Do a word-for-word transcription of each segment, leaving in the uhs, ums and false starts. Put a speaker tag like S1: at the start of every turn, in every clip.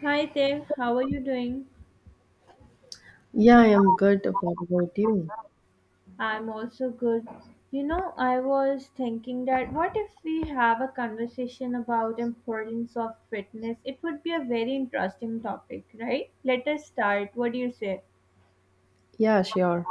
S1: Hi there, how are you doing?
S2: Yeah, I am good. What about you?
S1: I'm also good. You know, I was thinking that what if we have a conversation about importance of fitness? It would be a very interesting topic, right? Let us start. What do you say?
S2: Yeah, sure.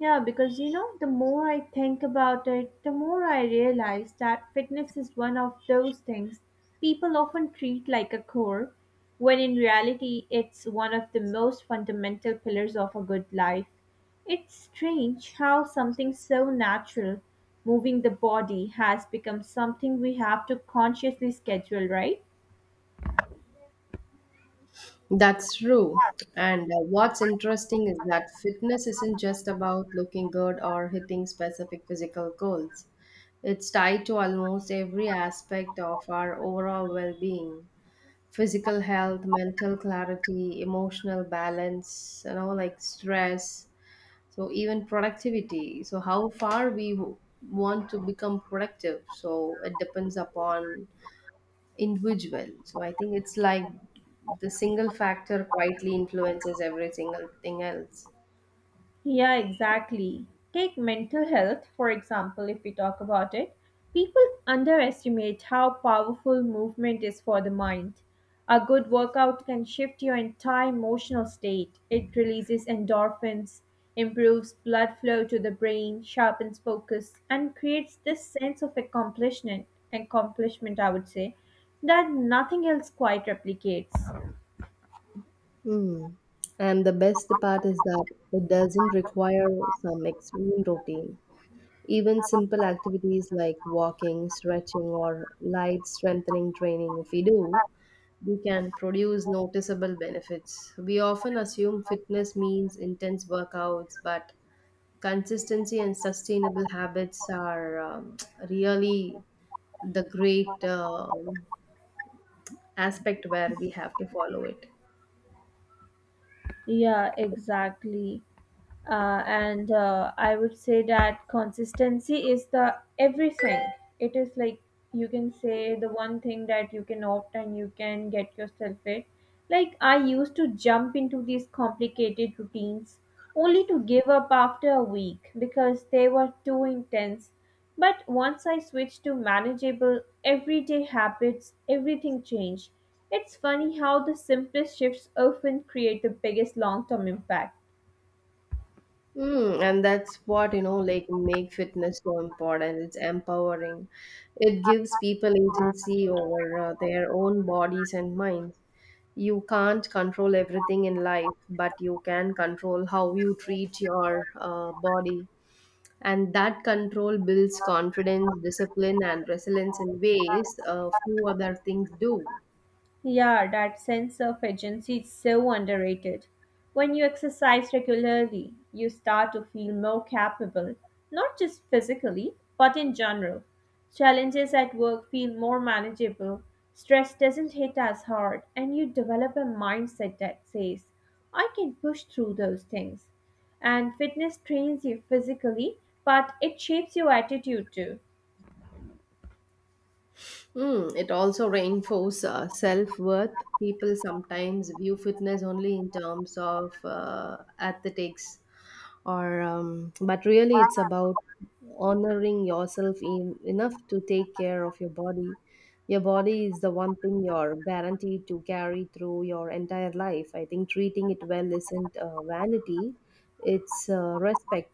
S1: Yeah, because you know, the more I think about it, the more I realize that fitness is one of those things people often treat like a chore, when in reality, it's one of the most fundamental pillars of a good life. It's strange how something so natural, moving the body, has become something we have to consciously schedule, right?
S2: That's true. And uh, what's interesting is that fitness isn't just about looking good or hitting specific physical goals. It's tied to almost every aspect of our overall well-being. Physical health, mental clarity, emotional balance, you know, like stress, so even productivity. So how far we w- want to become productive. So it depends upon individual. So I think it's like the single factor quietly influences every single thing else.
S1: Yeah, exactly. Take mental health, for example, if we talk about it. People underestimate how powerful movement is for the mind. A good workout can shift your entire emotional state. It releases endorphins, improves blood flow to the brain, sharpens focus, and creates this sense of accomplishment, accomplishment I would say, that nothing else quite replicates.
S2: Hmm. And the best part is that it doesn't require some extreme routine. Even simple activities like walking, stretching, or light strengthening training, if we do, we can produce noticeable benefits. We often assume fitness means intense workouts, but consistency and sustainable habits are um, really the great um aspect where we have to follow it.
S1: Yeah, exactly. Uh, and uh, I would say that consistency is the everything. It is like you can say the one thing that you can opt and you can get yourself it. Like I used to jump into these complicated routines only to give up after a week because they were too intense. But once I switched to manageable, everyday habits, everything changed. It's funny how the simplest shifts often create the biggest long term impact.
S2: Mm, and that's what, you know, like make fitness so important. It's empowering. It gives people agency over uh, their own bodies and minds. You can't control everything in life, but you can control how you treat your uh, body. And that control builds confidence, discipline, and resilience in ways uh, few other things do.
S1: Yeah, that sense of agency is so underrated. When you exercise regularly, you start to feel more capable, not just physically, but in general. Challenges at work feel more manageable, stress doesn't hit as hard, and you develop a mindset that says, I can push through those things. And fitness trains you physically, but it shapes your attitude too.
S2: Mm, it also reinforces uh, self-worth. People sometimes view fitness only in terms of uh, athletics, or um, but really it's about honoring yourself in, enough to take care of your body. Your body is the one thing you're guaranteed to carry through your entire life. I think treating it well isn't uh, vanity; it's uh, respect.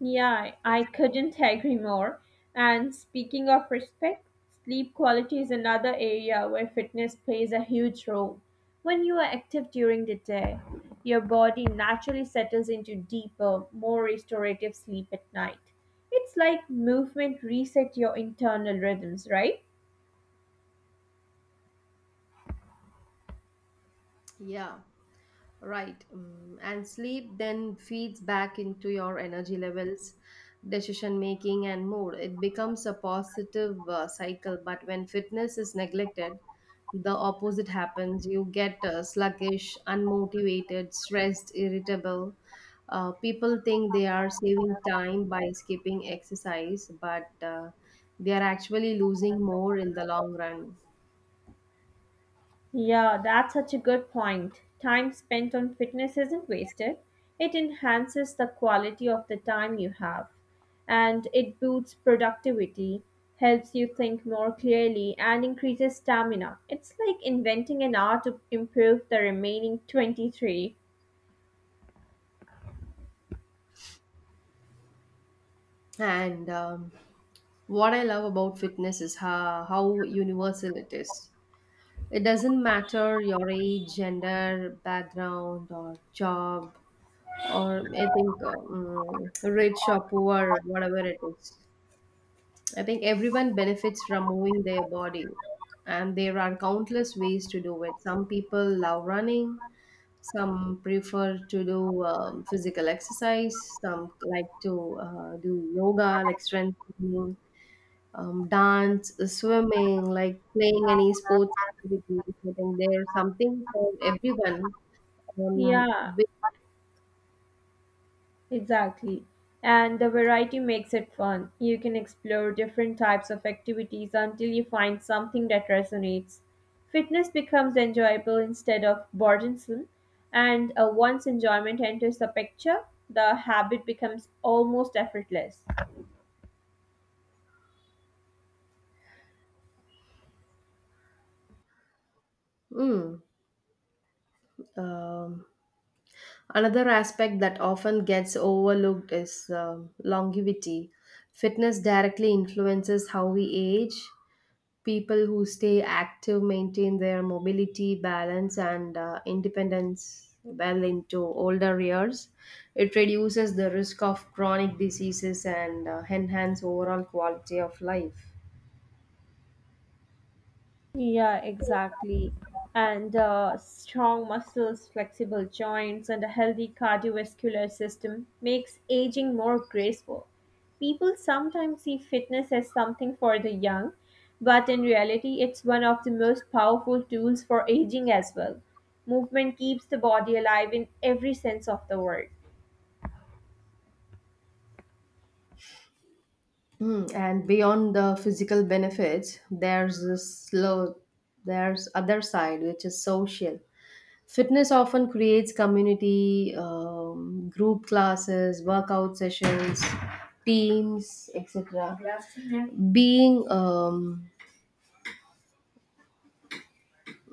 S1: Yeah, I couldn't agree more. And speaking of respect, sleep quality is another area where fitness plays a huge role. When you are active during the day, your body naturally settles into deeper, more restorative sleep at night. It's like movement resets your internal rhythms, right?
S2: Yeah. Right. Mm, and sleep then feeds back into your energy levels, decision making, and mood. It becomes a positive uh, cycle. But when fitness is neglected, the opposite happens. You get uh, sluggish, unmotivated, stressed, irritable. Uh, people think they are saving time by skipping exercise, but uh, they are actually losing more in the long run.
S1: Yeah, that's such a good point. Time spent on fitness isn't wasted, it enhances the quality of the time you have. And it boosts productivity, helps you think more clearly, and increases stamina. It's like inventing an hour to improve the remaining twenty-three. Uh,
S2: And um, what I love about fitness is how, how universal it is. It doesn't matter your age, gender, background, or job, or I think um, rich or poor, whatever it is. I think everyone benefits from moving their body, and there are countless ways to do it. Some people love running, some prefer to do um, physical exercise, some like to uh, do yoga, like strength training um, dance, uh, swimming, like playing any sports activity. I think there's something for everyone. Um,
S1: Yeah,
S2: with,
S1: exactly. And the variety makes it fun. You can explore different types of activities until you find something that resonates. Fitness becomes enjoyable instead of burdensome, and uh, once enjoyment enters the picture, the habit becomes almost effortless.
S2: mm, um, Another aspect that often gets overlooked is um longevity. Fitness directly influences how we age. People who stay active maintain their mobility, balance, and uh, independence well into older years. It reduces the risk of chronic diseases and uh, enhance overall quality of life.
S1: Yeah, exactly. And uh, strong muscles, flexible joints, and a healthy cardiovascular system makes aging more graceful. People sometimes see fitness as something for the young, but in reality, it's one of the most powerful tools for aging as well. Movement keeps the body alive in every sense of the word.
S2: Mm, and beyond the physical benefits, there's this slow, there's other side which is social. Fitness often creates community, um, group classes, workout sessions, teams, et cetera. Being, um,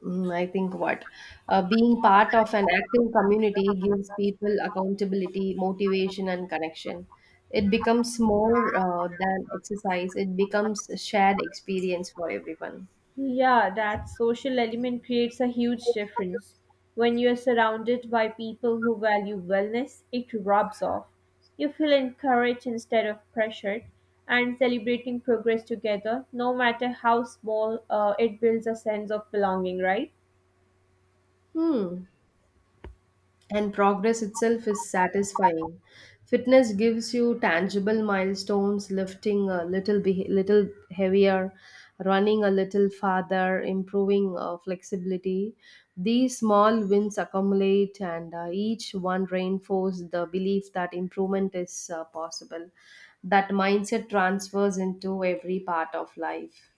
S2: mm, I think what, uh, Being part of an active community gives people accountability, motivation, and connection. It becomes more uh, than exercise. It becomes a shared experience for everyone.
S1: Yeah, that social element creates a huge difference. When you're surrounded by people who value wellness, it rubs off. You feel encouraged instead of pressured, and celebrating progress together, no matter how small, uh, it builds a sense of belonging, right?
S2: Hmm. And progress itself is satisfying. Fitness gives you tangible milestones, lifting a little beh little heavier, running a little farther, improving uh, flexibility. These small wins accumulate, and uh, each one reinforce the belief that improvement is uh, possible. That mindset transfers into every part of life.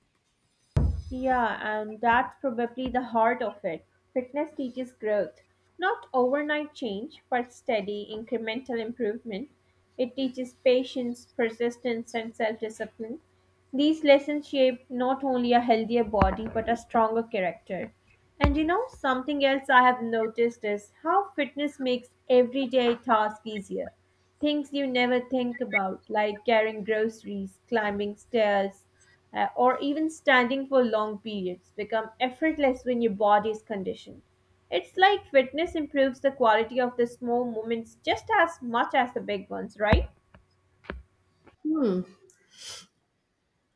S1: Yeah, and that's probably the heart of it. Fitness teaches growth, not overnight change, but steady, incremental improvement. It teaches patience, persistence, and self discipline. These lessons shape not only a healthier body, but a stronger character. And you know, something else I have noticed is how fitness makes everyday tasks easier. Things you never think about, like carrying groceries, climbing stairs, uh, or even standing for long periods, become effortless when your body is conditioned. It's like fitness improves the quality of the small moments just as much as the big ones, right?
S2: Hmm.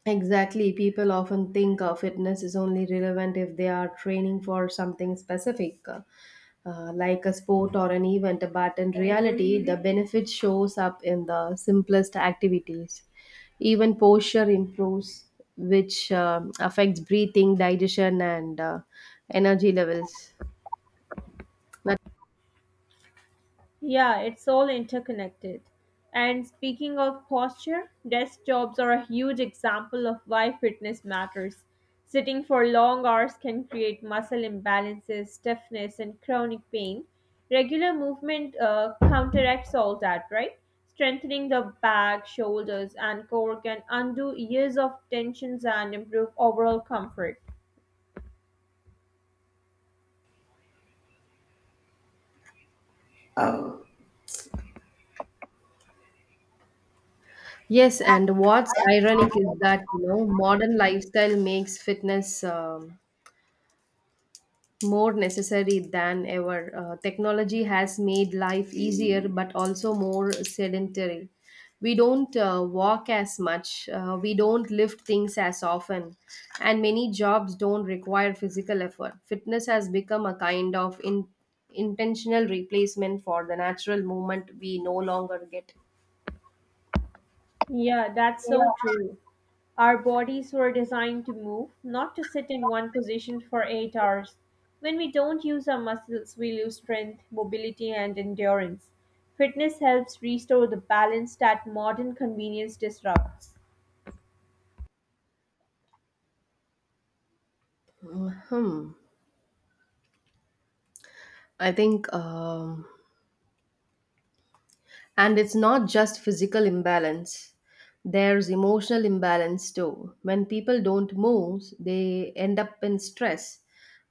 S2: Exactly. People often think uh, fitness is only relevant if they are training for something specific, uh, uh, like a sport or an event. But in reality, the benefit shows up in the simplest activities. Even posture improves, which um affects breathing, digestion, and uh, energy levels. But
S1: Yeah, it's all interconnected. And speaking of posture, desk jobs are a huge example of why fitness matters. Sitting for long hours can create muscle imbalances, stiffness, and chronic pain. Regular movement uh, counteracts all that, right? Strengthening the back, shoulders, and core can undo years of tensions and improve overall comfort.
S2: yes, and what's ironic is that you know modern lifestyle makes fitness, Um, more necessary than ever. Uh, technology has made life easier but also more sedentary. We don't uh, walk as much, uh, we don't lift things as often, and many jobs don't require physical effort. Fitness has become a kind of in- intentional replacement for the natural movement we no longer get.
S1: Yeah, that's
S2: Yeah.
S1: so true. Our bodies were designed to move, not to sit in one position for eight hours. When we don't use our muscles, we lose strength, mobility, and endurance. Fitness helps restore the balance that modern convenience disrupts.
S2: Hmm. I think um, and it's not just physical imbalance, there's emotional imbalance too. When people don't move, they end up in stress.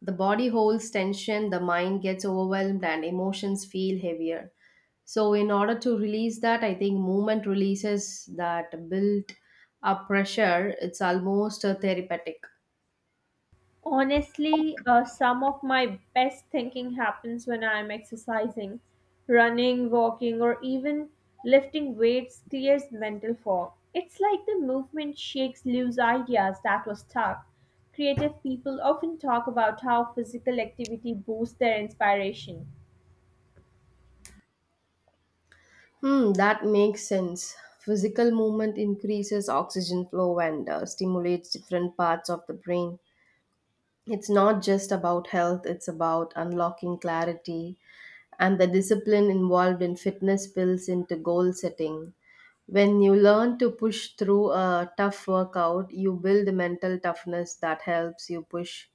S2: The body holds tension, the mind gets overwhelmed, and emotions feel heavier. So, in order to release that, I think movement releases that built up pressure. It's almost a therapeutic.
S1: Honestly, uh, some of my best thinking happens when I'm exercising. Running, walking, or even lifting weights clears mental fog. It's like the movement shakes loose ideas that were stuck. Creative people often talk about how physical activity boosts their inspiration.
S2: Hmm, that makes sense. Physical movement increases oxygen flow and uh, stimulates different parts of the brain. It's not just about health, it's about unlocking clarity, and the discipline involved in fitness spills into goal setting. When you learn to push through a tough workout, you build mental toughness that helps you push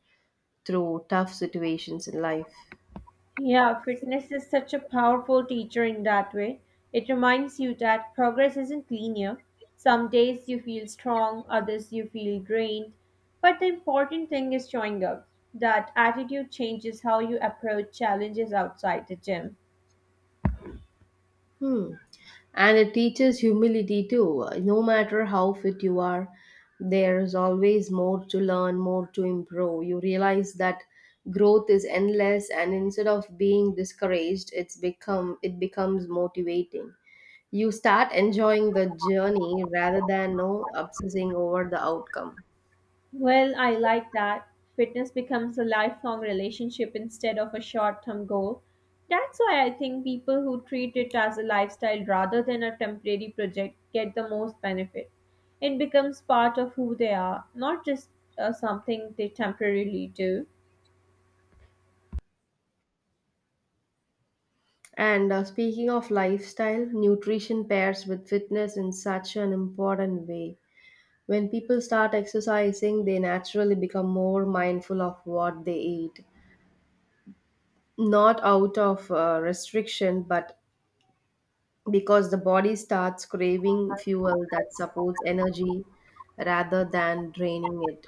S2: through tough situations in life.
S1: Yeah, fitness is such a powerful teacher in that way. It reminds you that progress isn't linear. Some days you feel strong, others you feel drained. But the important thing is showing up. That attitude changes how you approach challenges outside the gym.
S2: Hmm. And it teaches humility too. No matter how fit you are, there is always more to learn, more to improve. You realize that growth is endless, and instead of being discouraged, it's become it becomes motivating. You start enjoying the journey rather than no obsessing over the outcome.
S1: Well, I like that. Fitness becomes a lifelong relationship instead of a short term goal. That's why I think people who treat it as a lifestyle rather than a temporary project get the most benefit. It becomes part of who they are, not just uh, something they temporarily do.
S2: And uh, speaking of lifestyle, nutrition pairs with fitness in such an important way. When people start exercising, they naturally become more mindful of what they eat, not out of uh, restriction, but because the body starts craving fuel that supports energy rather than draining it.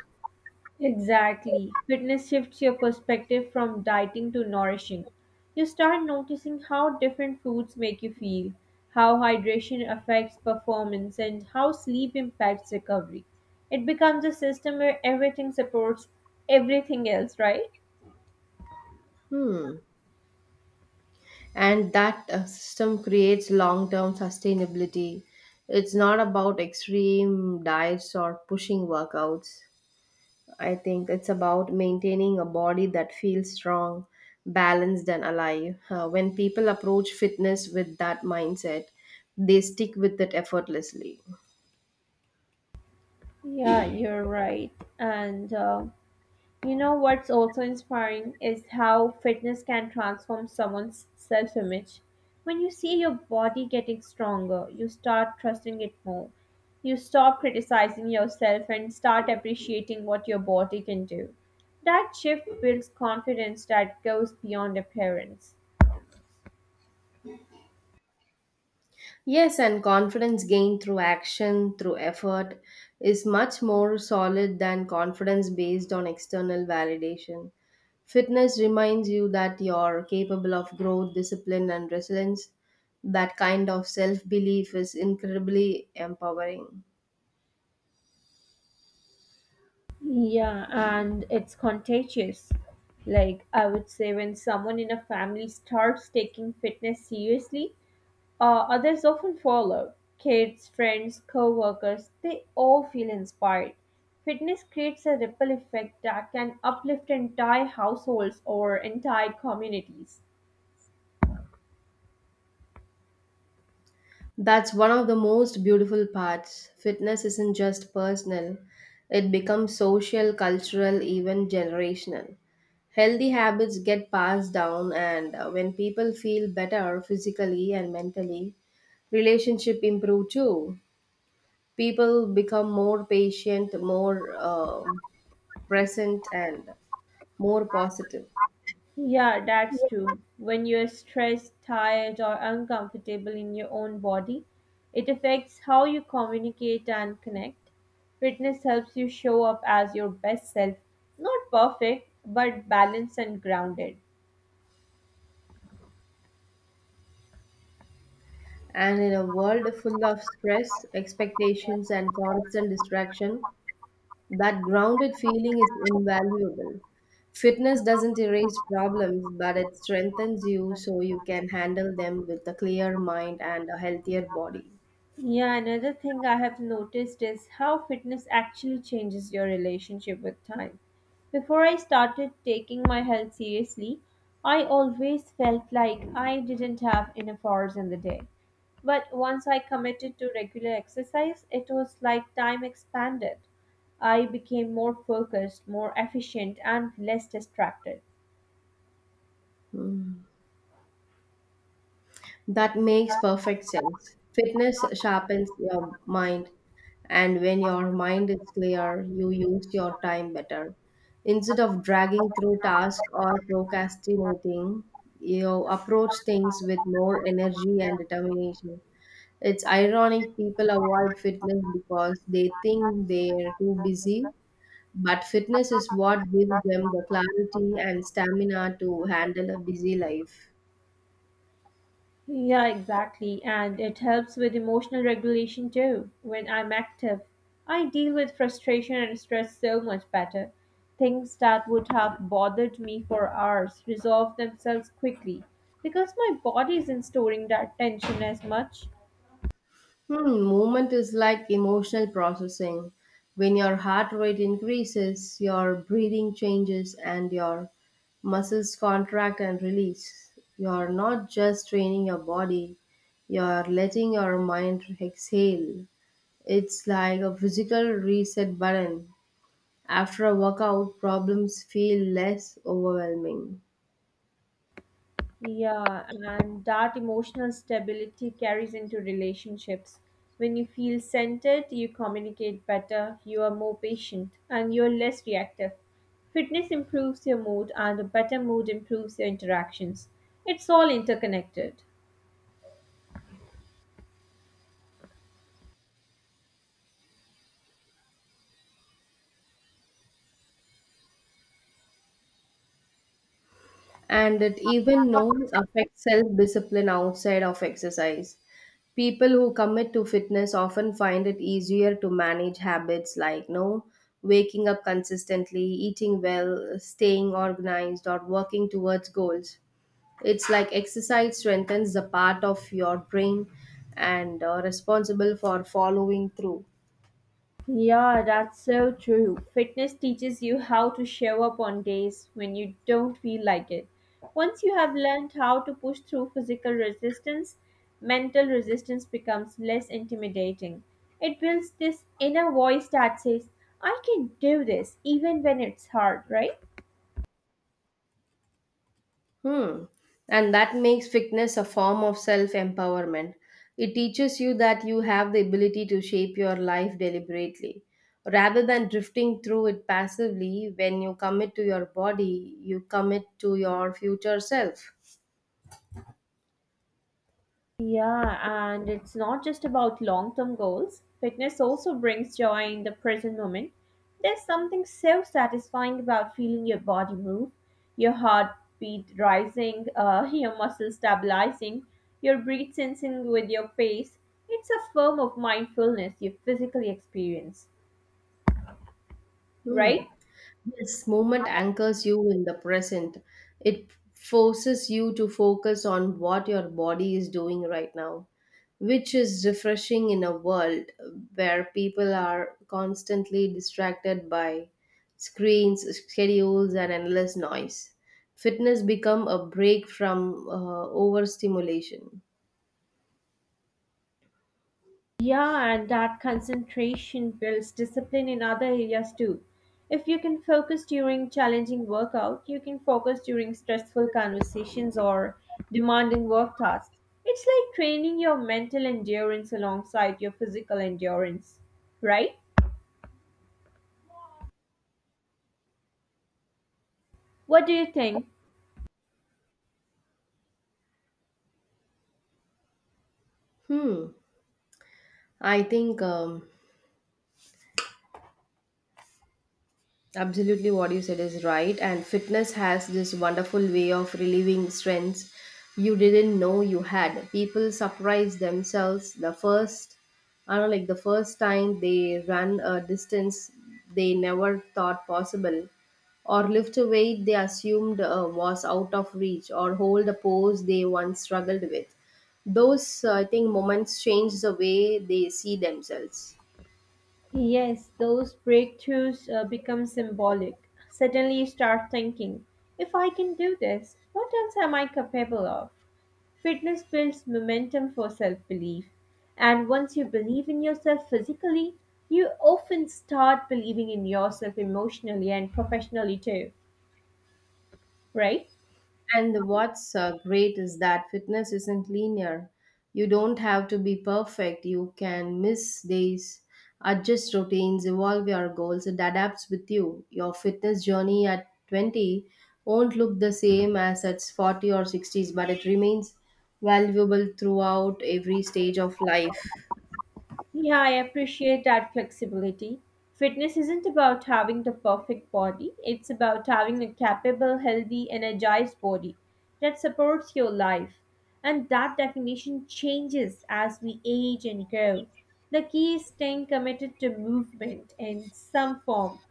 S1: Exactly. Fitness shifts your perspective from dieting to nourishing. You start noticing how different foods make you feel, how hydration affects performance, and how sleep impacts recovery. It becomes a system where everything supports everything else, right?
S2: Hmm. And that uh, system creates long term sustainability. It's not about extreme diets or pushing workouts. I think it's about maintaining a body that feels strong, balanced, and alive. Uh, when people approach fitness with that mindset, they stick with it effortlessly.
S1: Yeah, you're right. And uh, You know what's also inspiring is how fitness can transform someone's self image. When you see your body getting stronger, you start trusting it more. You stop criticizing yourself and start appreciating what your body can do. That shift builds confidence that goes beyond appearance.
S2: Yes, and confidence gained through action, through effort, is much more solid than confidence based on external validation. Fitness reminds you that you're capable of growth, discipline, and resilience. That kind of self belief is incredibly empowering.
S1: Yeah, and it's contagious. Like, I would say, when someone in a family starts taking fitness seriously, Uh, others often follow kids, friends, co workers, they all feel inspired. Fitness creates a ripple effect that can uplift entire households or entire communities.
S2: That's one of the most beautiful parts. Fitness isn't just personal, it becomes social, cultural, even generational. Healthy habits get passed down, and uh, when people feel better physically and mentally, relationship improve too. People become more patient, more um present, and more positive.
S1: Yeah, that's true. When you're stressed, tired, or uncomfortable in your own body, it affects how you communicate and connect. Fitness helps you show up as your best self, not perfect, but balanced and grounded.
S2: And in a world full of stress, expectations, and constant distraction, that grounded feeling is invaluable. Fitness doesn't erase problems, but it strengthens you so you can handle them with a clear mind and a healthier body.
S1: Yeah, another thing I have noticed is how fitness actually changes your relationship with time. Before I started taking my health seriously, I always felt like I didn't have enough hours in the day. But once I committed to regular exercise, it was like time expanded. I became more focused, more efficient, and less distracted.
S2: Hmm. That makes perfect sense. Fitness sharpens your mind, and when your mind is clear, you use your time better. Instead of dragging through tasks or procrastinating, you approach things with more energy and determination. It's ironic people avoid fitness because they think they're too busy, but fitness is what gives them the clarity and stamina to handle a busy life.
S1: Yeah, exactly. And it helps with emotional regulation too. When I'm active, I deal with frustration and stress so much better. Things that would have bothered me for hours resolve themselves quickly because my body isn't storing that tension as much.
S2: Hmm, movement is like emotional processing. When your heart rate increases, your breathing changes, and your muscles contract and release. You're not just training your body, you're letting your mind exhale. It's like a physical reset button. After a workout, problems feel less overwhelming.
S1: Yeah, and that emotional stability carries into relationships. When you feel centered, you communicate better, you are more patient, and you're less reactive. Fitness improves your mood, and a better mood improves your interactions. It's all interconnected.
S2: And it even now affects self discipline outside of exercise. People who commit to fitness often find it easier to manage habits like no waking up consistently, eating well, staying organized, or working towards goals. It's like exercise strengthens the part of your brain and uh, responsible for following through.
S1: Yeah, that's so true. Fitness teaches you how to show up on days when you don't feel like it. Once you have learned how to push through physical resistance, mental resistance becomes less intimidating. It builds this inner voice that says, I can do this even when it's hard, right?
S2: Hmm. And that makes fitness a form of self empowerment. It teaches you that you have the ability to shape your life deliberately. Rather than drifting through it passively, when you commit to your body, you commit to your future self.
S1: Yeah, and it's not just about long term goals. Fitness also brings joy in the present moment. There's something so satisfying about feeling your body move, your heartbeat rising, uh, your muscles stabilizing, your breath sensing with your pace. It's a form of mindfulness you physically experience,
S2: Hmm.
S1: right?
S2: Yes, movement anchors you in the present. It forces you to focus on what your body is doing right now, which is refreshing in a world where people are constantly distracted by screens, schedules, and endless noise. Fitness become a break from uh, overstimulation.
S1: Yeah, and that concentration builds discipline in other areas too. If you can focus during challenging workout, you can focus during stressful conversations or demanding work tasks. It's like training your mental endurance alongside your physical endurance, right? What do you think?
S2: Hmm. I think um, absolutely, what you said is right. And fitness has this wonderful way of relieving strengths you didn't know you had. People surprise themselves the first, I don't know, like the first time they run a distance they never thought possible, or lift a weight they assumed uh, was out of reach, or hold a pose they once struggled with. Those, uh, I think, moments change the way they see themselves.
S1: Yes, those breakthroughs uh, become symbolic. Suddenly you start thinking, if I can do this, what else am I capable of? Fitness builds momentum for self belief. And once you believe in yourself physically, you often start believing in yourself emotionally and professionally too, right?
S2: And what's uh, great is that fitness isn't linear. You don't have to be perfect. You can miss days, adjust routines, evolve your goals. It adapts with you. Your fitness journey at twenty won't look the same as at forty or sixties, but it remains valuable throughout every stage of life.
S1: Yeah, I appreciate that flexibility. Fitness isn't about having the perfect body, it's about having a capable, healthy, energized body that supports your life. And that definition changes as we age and grow. The key is staying committed to movement in some form,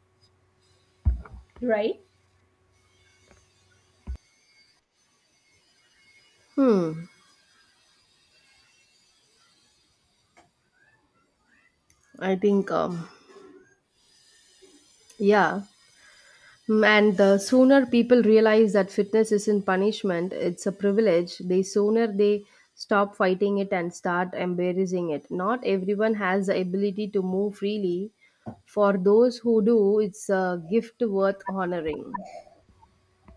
S1: right?
S2: Hmm. I think um yeah. Mm, and the sooner people realize that fitness isn't punishment, it's a privilege, the sooner they stop fighting it and start embracing it. Not everyone has the ability to move freely. For those who do, it's a gift worth honoring.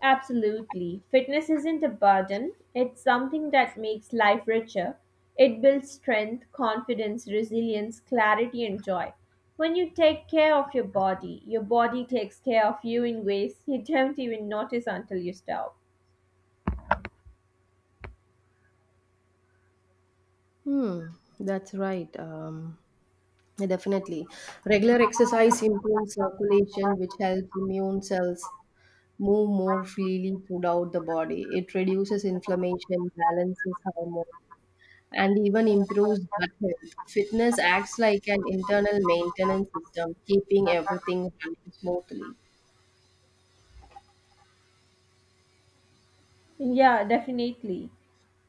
S1: Absolutely. Fitness isn't a burden, it's something that makes life richer. It builds strength, confidence, resilience, clarity, and joy. When you take care of your body, your body takes care of you in ways you don't even notice until you stop.
S2: Hmm, that's right. Um, definitely. Regular exercise improves circulation, which helps immune cells move more freely throughout the body. It reduces inflammation, balances hormones, and even improves gut health. Fitness acts like an internal maintenance system, keeping everything running smoothly.
S1: Yeah, definitely.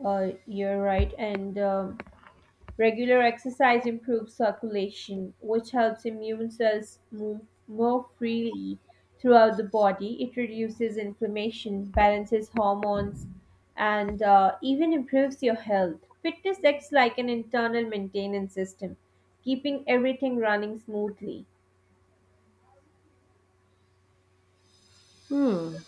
S1: Uh, you're right. And um, Regular exercise improves circulation, which helps immune cells move more freely throughout the body. It reduces inflammation, balances hormones, and uh, even improves your health. Fitness acts like an internal maintenance system, keeping everything running smoothly.
S2: Hmm.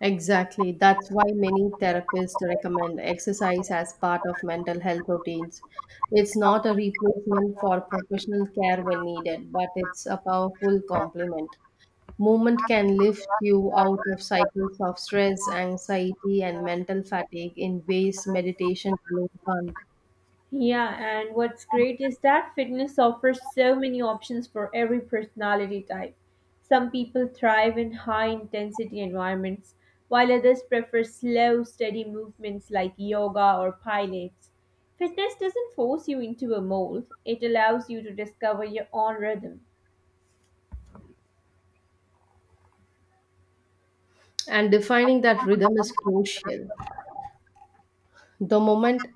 S2: Exactly. That's why many therapists recommend exercise as part of mental health routines. It's not a replacement for professional care when needed, but it's a powerful complement. Movement can lift you out of cycles of stress, anxiety, and mental fatigue in ways meditation alone can't.
S1: Yeah, and what's great is that fitness offers so many options for every personality type. Some people thrive in high intensity environments, while others prefer slow, steady movements like yoga or pilates. Fitness doesn't force you into a mold, it allows you to discover your own rhythm.
S2: And defining that rhythm is crucial. The moment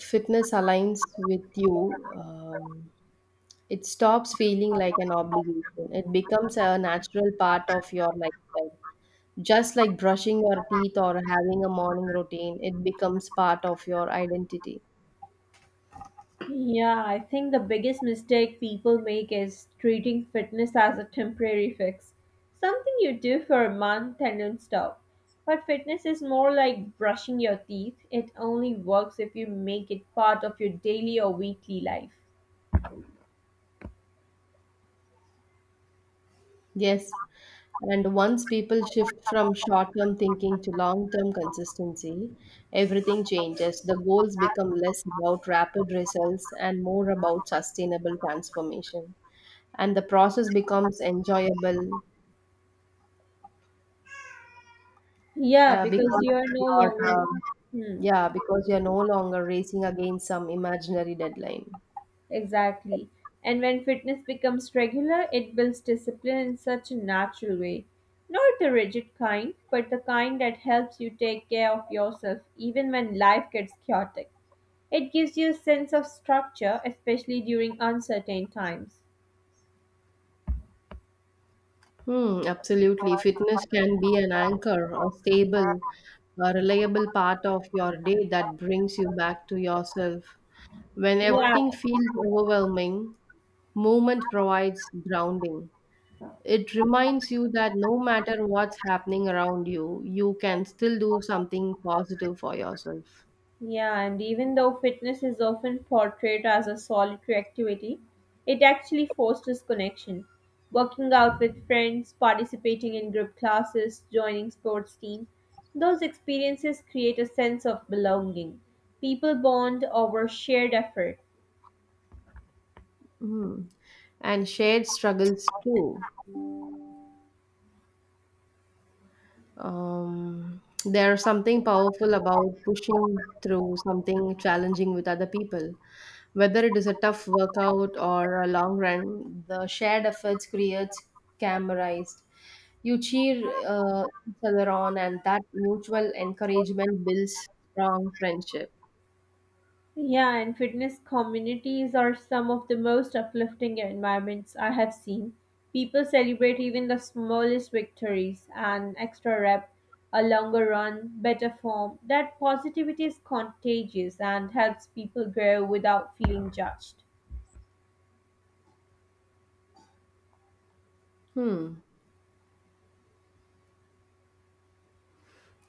S2: fitness aligns with you, um, it stops feeling like an obligation. It becomes a natural part of your lifestyle. Just like brushing your teeth or having a morning routine, it becomes part of your identity.
S1: Yeah, I think the biggest mistake people make is treating fitness as a temporary fix, something you do for a month and then stop. But fitness is more like brushing your teeth, it only works if you make it part of your daily or weekly life.
S2: Yes. And once people shift from short term thinking to long term consistency, everything changes. The goals become less about rapid results and more about sustainable transformation. And the process becomes enjoyable
S1: Yeah,
S2: uh,
S1: because
S2: because
S1: you are no
S2: you're,
S1: longer.
S2: um,
S1: Hmm.
S2: yeah, because you're no longer racing against some imaginary deadline.
S1: Exactly. And when fitness becomes regular, it builds discipline in such a natural way. Not the rigid kind, but the kind that helps you take care of yourself even when life gets chaotic. It gives you a sense of structure, especially during uncertain times.
S2: Hmm, absolutely. Fitness can be an anchor, a stable, a reliable part of your day that brings you back to yourself. When
S1: Yeah,
S2: everything feels overwhelming, movement provides grounding. It reminds you that no matter what's happening around you, you can still do something positive for yourself.
S1: yeah, and even though fitness is often portrayed as a solitary activity, it actually fosters connection. Working out with friends, participating in group classes, joining sports team, those experiences create a sense of belonging. People bond over shared effort.
S2: Hmm. And shared struggles too. Um, there's something powerful about pushing through something challenging with other people. Whether it is a tough workout or a long run, the shared efforts creates camerized. You cheer uh, each other on, and that mutual encouragement builds strong friendship.
S1: Yeah, and fitness communities are some of the most uplifting environments I have seen. People celebrate even the smallest victories, an extra rep, a longer run, better form. That positivity is contagious and helps people grow without feeling judged.
S2: Hmm.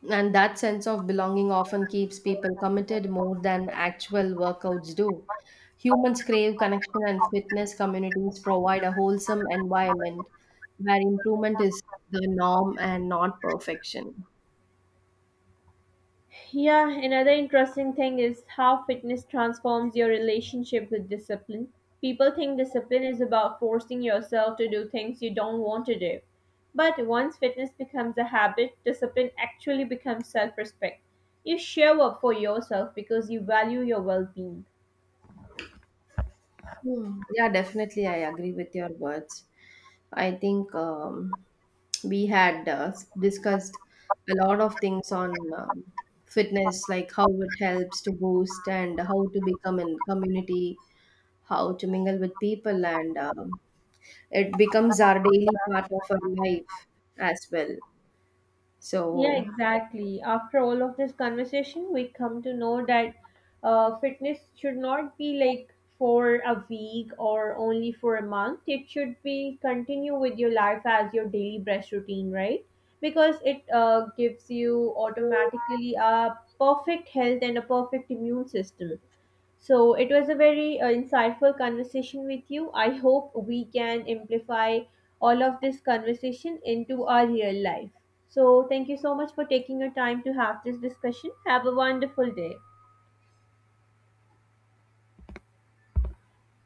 S2: And that sense of belonging often keeps people committed more than actual workouts do. Humans crave connection, and fitness communities provide a wholesome environment where improvement is the norm and not perfection.
S1: Yeah, another interesting thing is how fitness transforms your relationship with discipline. People think discipline is about forcing yourself to do things you don't want to do. But once fitness becomes a habit, discipline actually becomes self respect. You show up for yourself because you value your well being.
S2: Hmm. Yeah, definitely. I agree with your words. I think um, we had uh, discussed a lot of things on um, fitness, like how it helps to boost and how to become in community, how to mingle with people, and um, it becomes our daily part of our life as well,
S1: Yeah,
S2: so
S1: exactly. After all of this conversation, we come to know that uh, fitness should not be like for a week or only for a month. It should be continue with your life as your daily brush routine, right? Because it uh, gives you automatically a perfect health and a perfect immune system. So it was a very uh, insightful conversation with you. I hope we can amplify all of this conversation into our real life. So thank you so much for taking your time to have this discussion. Have a wonderful day.